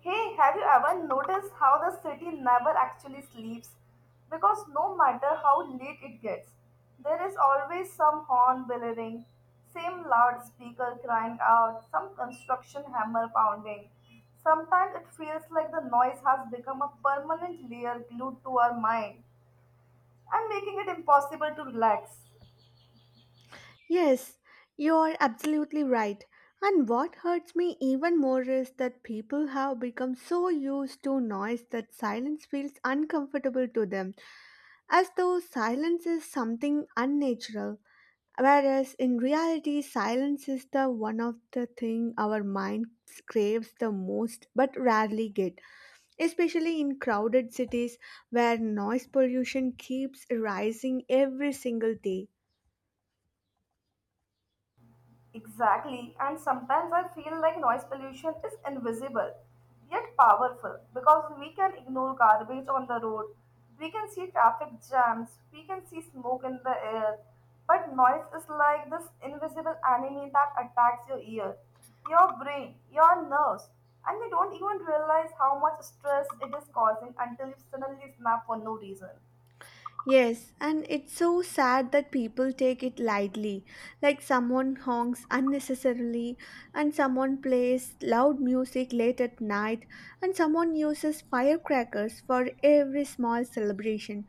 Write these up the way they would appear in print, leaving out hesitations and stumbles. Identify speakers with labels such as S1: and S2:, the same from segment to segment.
S1: Hey, have you ever noticed how the city never actually sleeps? Because no matter how late it gets, there is always some horn blaring, same loudspeaker crying out, some construction hammer pounding. Sometimes it feels like the noise has become a permanent layer glued to our mind and making it impossible to relax.
S2: Yes, you're absolutely right. And what hurts me even more is that people have become so used to noise that silence feels uncomfortable to them, as though silence is something unnatural. Whereas in reality, silence is the one of the thing our mind craves the most but rarely get, especially in crowded cities where noise pollution keeps rising every single day.
S1: Exactly, and sometimes I feel like noise pollution is invisible yet powerful because we can ignore garbage on the road, we can see traffic jams, we can see smoke in the air, but noise is like this invisible enemy that attacks your ear, your brain, your nerves, and you don't even realize how much stress it is causing until you suddenly snap for no reason.
S2: Yes, and it's so sad that people take it lightly, like someone honks unnecessarily, and someone plays loud music late at night, and someone uses firecrackers for every small celebration,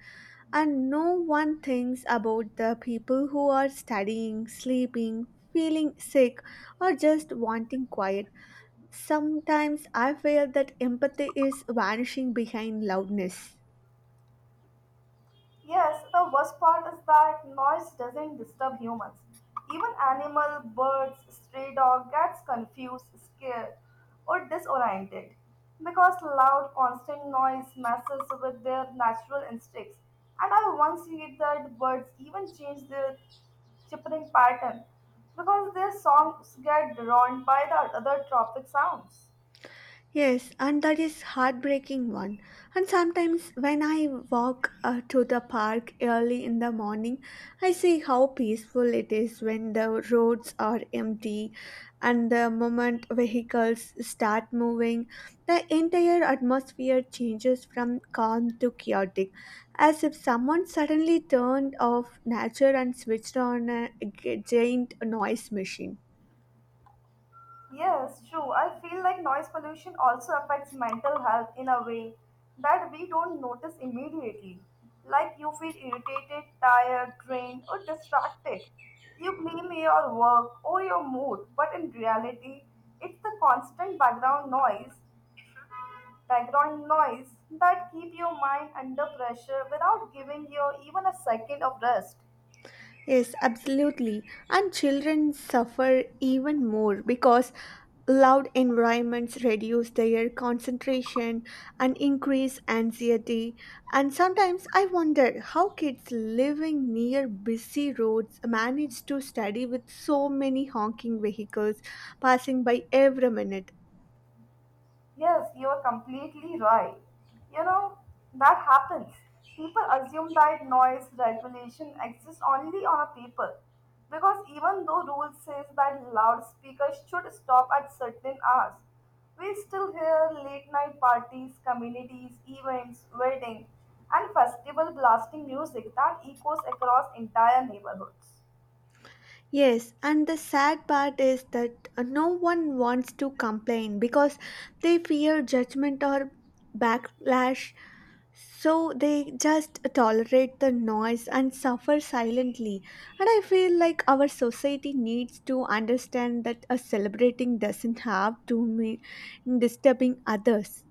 S2: and no one thinks about the people who are studying, sleeping, feeling sick, or just wanting quiet. Sometimes I feel that empathy is vanishing behind loudness.
S1: Yes, the worst part is that noise doesn't disturb humans. Even animal, birds, stray dog gets confused, scared, or disoriented because loud, constant noise messes with their natural instincts. And I once read that birds even change their chirping pattern because their songs get drowned by the other tropic sounds.
S2: Yes, and that is heartbreaking one. And sometimes when I walk to the park early in the morning, I see how peaceful it is when the roads are empty and the moment vehicles start moving, the entire atmosphere changes from calm to chaotic, as if someone suddenly turned off nature and switched on a giant noise machine.
S1: Yes, true. I feel like noise pollution also affects mental health in a way that we don't notice immediately. Like you feel irritated, tired, drained, or distracted. You blame your work or your mood, but in reality, it's the constant background noise that keep your mind under pressure without giving you even a second of rest.
S2: Yes, absolutely. And children suffer even more because loud environments reduce their concentration and increase anxiety. And sometimes I wonder how kids living near busy roads manage to study with so many honking vehicles passing by every minute.
S1: Yes, you are completely right. You know, that happens. People assume that noise regulation exists only on a paper because even though rules says that loudspeakers should stop at certain hours, we still hear late night parties, communities, events, weddings, and festival blasting music that echoes across entire neighborhoods.
S2: Yes, and the sad part is that no one wants to complain because they fear judgment or backlash. So they just tolerate the noise and suffer silently. And I feel like our society needs to understand that a celebrating doesn't have to mean disturbing others.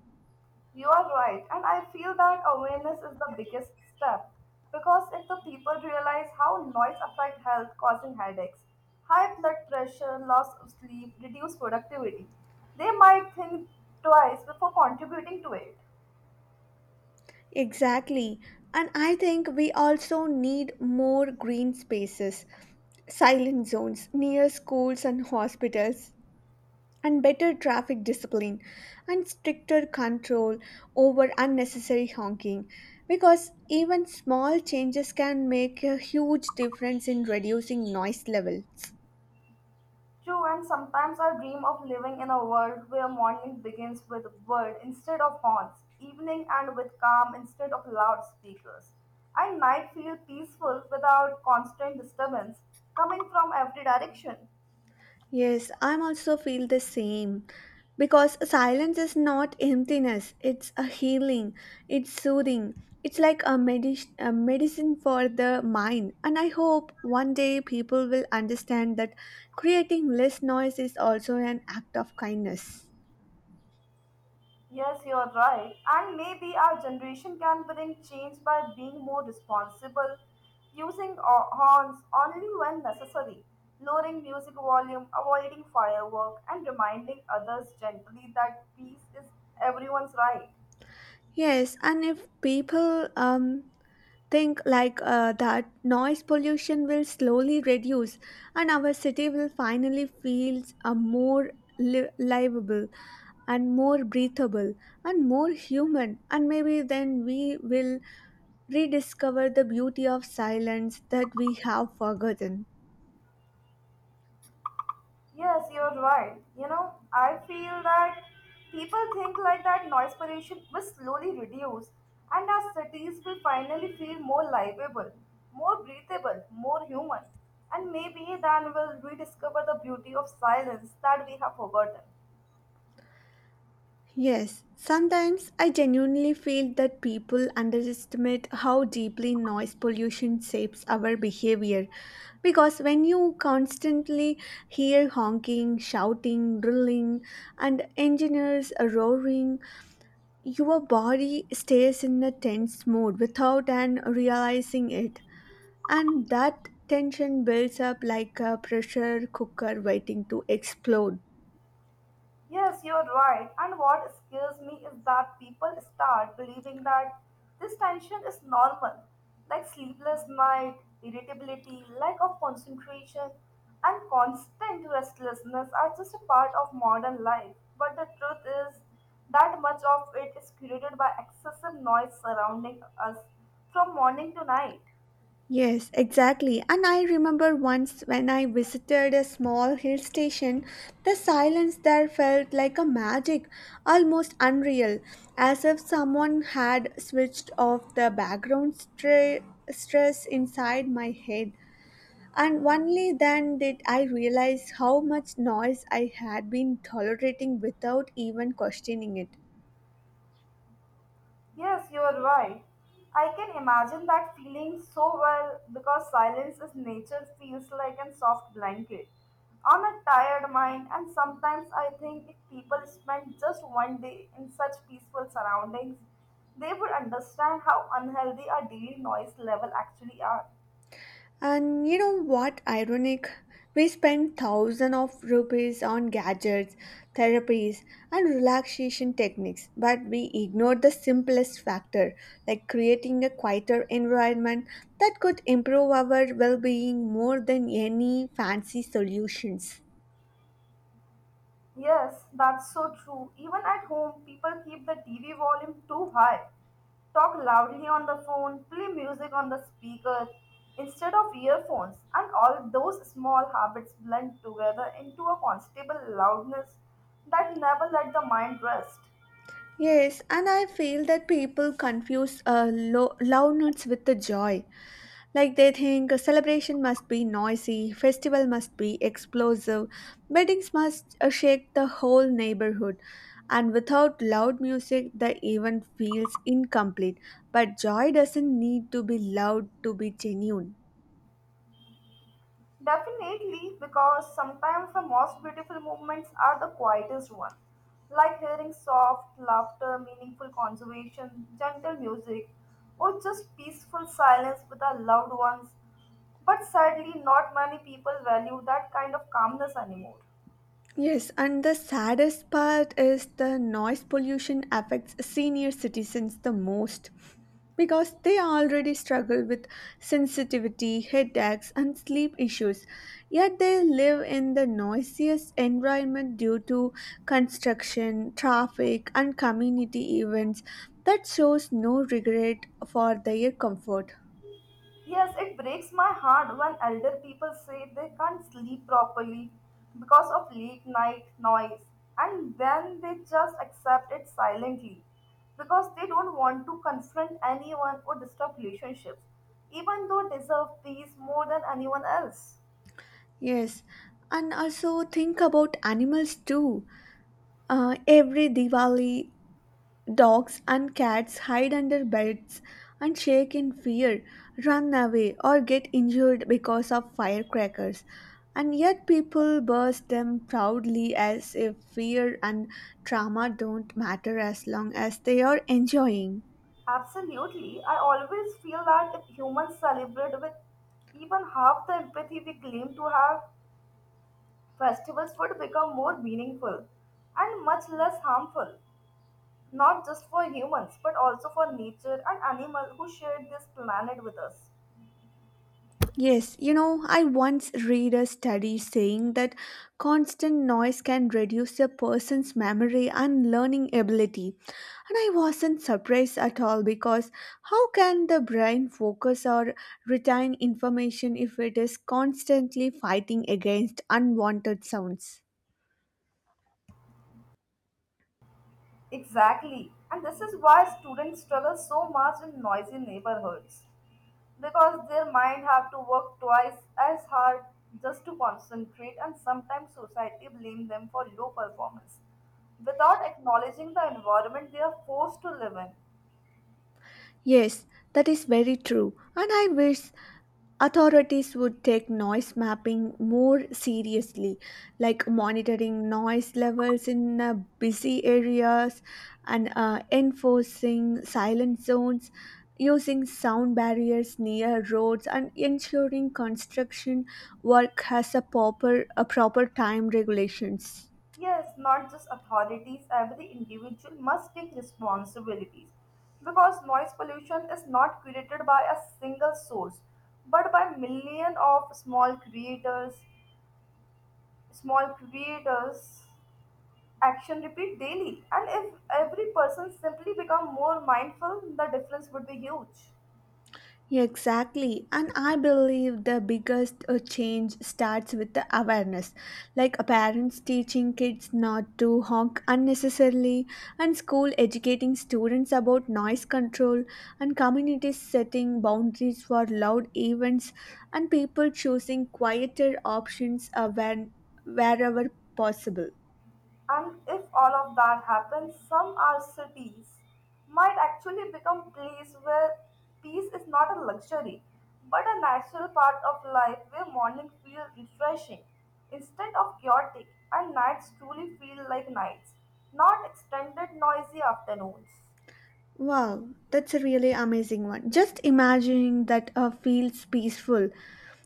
S1: You are right, and I feel that awareness is the biggest step because if the people realize how noise affects health, causing headaches, high blood pressure, loss of sleep, reduced productivity, they might think twice before contributing to it.
S2: Exactly. And I think we also need more green spaces, silent zones near schools and hospitals and better traffic discipline and stricter control over unnecessary honking because even small changes can make a huge difference in reducing noise levels.
S1: True, and sometimes I dream of living in a world where morning begins with word instead of horns, evening and with calm instead of loudspeakers, and night feel peaceful without constant disturbance coming from every direction.
S2: Yes, I'm also feel the same because silence is not emptiness, it's a healing, it's soothing, it's like a medicine for the mind, and I hope one day people will understand that creating less noise is also an act of kindness.
S1: Yes, you are right. And maybe our generation can bring change by being more responsible, using horns only when necessary, lowering music volume, avoiding firework, and reminding others gently that peace is everyone's right.
S2: Yes, and if people think like that noise pollution will slowly reduce and our city will finally feel more livable and more breathable and more human, and maybe then we will rediscover the beauty of silence that we have forgotten.
S1: Yes, you're right. You know, I feel that people think like that noise pollution will slowly reduce and our cities will finally feel more livable, more breathable, more human. And maybe then we'll rediscover the beauty of silence that we have forgotten.
S2: Yes, sometimes I genuinely feel that people underestimate how deeply noise pollution shapes our behavior. Because when you constantly hear honking, shouting, drilling, and engineers roaring, your body stays in a tense mode without an realizing it. And that tension builds up like a pressure cooker waiting to explode.
S1: Yes, you're right. And what scares me is that people start believing that this tension is normal, like sleepless night, irritability, lack of concentration, and constant restlessness are just a part of modern life. But the truth is that much of it is created by excessive noise surrounding us from morning to night.
S2: Yes, exactly. And I remember once when I visited a small hill station, the silence there felt like a magic, almost unreal, as if someone had switched off the background stress inside my head. And only then did I realize how much noise I had been tolerating without even questioning it.
S1: Yes, you are right. I can imagine that feeling so well because silence is nature feels like a soft blanket on a tired mind and sometimes I think if people spent just one day in such peaceful surroundings, they would understand how unhealthy our daily noise level actually are.
S2: And you know what ironic? We spend thousands of rupees on gadgets, therapies, and relaxation techniques, but we ignore the simplest factor, like creating a quieter environment that could improve our well being more than any fancy solutions.
S1: Yes, that's so true. Even at home, people keep the TV volume too high, talk loudly on the phone, play music on the speaker instead of earphones, and all those small habits blend together into a constable loudness that never let the mind rest.
S2: Yes, and I feel that people confuse loudness with the joy. Like they think a celebration must be noisy, festival must be explosive, weddings must shake the whole neighborhood. And without loud music, the event feels incomplete. But joy doesn't need to be loud to be genuine.
S1: Definitely, because sometimes the most beautiful moments are the quietest one, like hearing soft laughter, meaningful conversation, gentle music, or just peaceful silence with our loved ones. But sadly, not many people value that kind of calmness anymore.
S2: Yes, and the saddest part is the noise pollution affects senior citizens the most. Because they already struggle with sensitivity, headaches, and sleep issues. Yet they live in the noisiest environment due to construction, traffic, and community events that shows no regret for their comfort.
S1: Yes, it breaks my heart when elder people say they can't sleep properly because of late night noise and then they just accept it silently because they don't want to confront anyone or disturb relationships, even though they deserve peace more than anyone else.
S2: Yes, and also think about animals too. Every Diwali, dogs and cats hide under beds and shake in fear, run away, or get injured because of firecrackers. And yet, people burst them proudly as if fear and trauma don't matter as long as they are enjoying.
S1: Absolutely, I always feel that if humans celebrate with even half the empathy we claim to have, festivals would become more meaningful and much less harmful. Not just for humans but also for nature and animals who shared this planet with us.
S2: Yes, you know, I once read a study saying that constant noise can reduce a person's memory and learning ability. And I wasn't surprised at all because how can the brain focus or retain information if it is constantly fighting against unwanted sounds?
S1: Exactly, and this is why students struggle so much in noisy neighborhoods because their mind have to work twice as hard just to concentrate and sometimes society blame them for low performance without acknowledging the environment they are forced to live in.
S2: Yes, that is very true. And I wish authorities would take noise mapping more seriously, like monitoring noise levels in busy areas and enforcing silent zones, using sound barriers near roads, and ensuring construction work has a proper time regulations.
S1: Yes, not just authorities, every individual must take responsibilities because noise pollution is not created by a single source but by million of small creators action repeat daily and if every person simply become more mindful the difference would be huge.
S2: Exactly, and I believe the biggest change starts with the awareness, like parents teaching kids not to honk unnecessarily, and school educating students about noise control, and communities setting boundaries for loud events, and people choosing quieter options when wherever possible.
S1: And if all of that happens, some our cities might actually become place where peace is not a luxury, but a natural part of life where morning feel refreshing instead of chaotic and nights truly feel like nights, not extended noisy afternoons.
S2: Wow, that's a really amazing one. Just imagining that feels peaceful,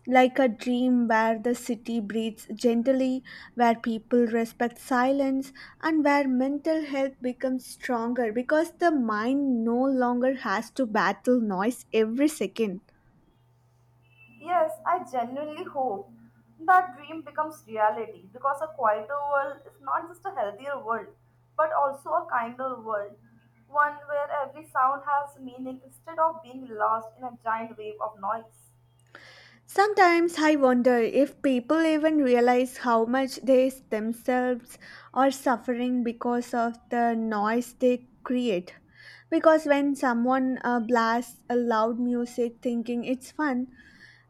S2: like a dream where the city breathes gently, where people respect silence, and where mental health becomes stronger because the mind no longer has to battle noise every second.
S1: Yes, I genuinely hope that dream becomes reality because a quieter world is not just a healthier world, but also a kinder world. One where every sound has meaning instead of being lost in a giant wave of noise.
S2: Sometimes I wonder if people even realize how much they themselves are suffering because of the noise they create. Because when someone blasts a loud music thinking it's fun,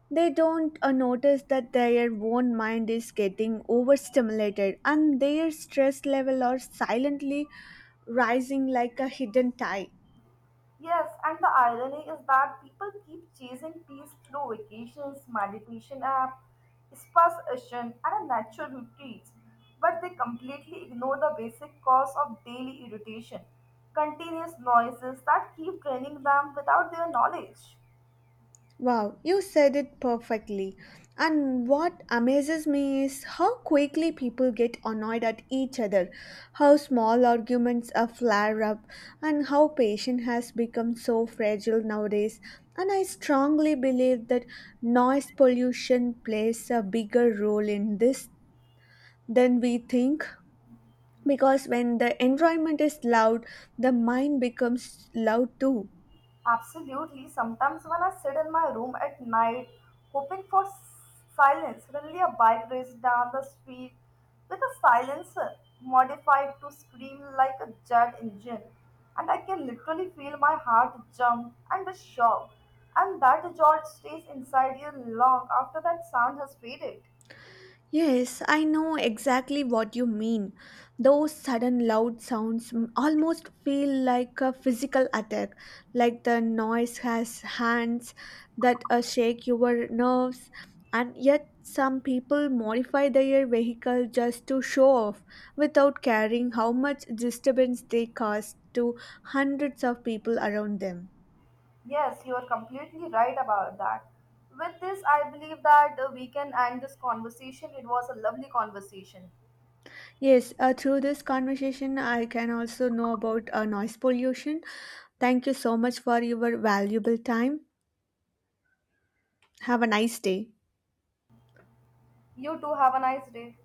S2: they don't notice that their own mind is getting overstimulated and their stress level are silently rising like a hidden tide.
S1: Yes, and the irony is that people keep chasing peace through vacations, meditation app, spa session, and a natural retreats, but they completely ignore the basic cause of daily irritation, continuous noises that keep draining them without their knowledge.
S2: Wow, you said it perfectly. And what amazes me is how quickly people get annoyed at each other, how small arguments are flare up, and how patience has become so fragile nowadays. And I strongly believe that noise pollution plays a bigger role in this than we think, because when the environment is loud, the mind becomes loud too.
S1: Absolutely. Sometimes when I sit in my room at night, hoping for silence, suddenly a bike races down the street with a silencer modified to scream like a jet engine, and I can literally feel my heart jump and the shock. And that jolt stays inside you long after that sound has faded.
S2: Yes, I know exactly what you mean. Those sudden loud sounds almost feel like a physical attack, like the noise has hands that shake your nerves, and yet some people modify their vehicle just to show off without caring how much disturbance they cause to hundreds of people around them.
S1: Yes, you are completely right about that. With this, I believe that we can end this conversation. It was a lovely conversation.
S2: Yes, through this conversation, I can also know about noise pollution. Thank you so much for your valuable time. Have a nice day.
S1: You too, have a nice day.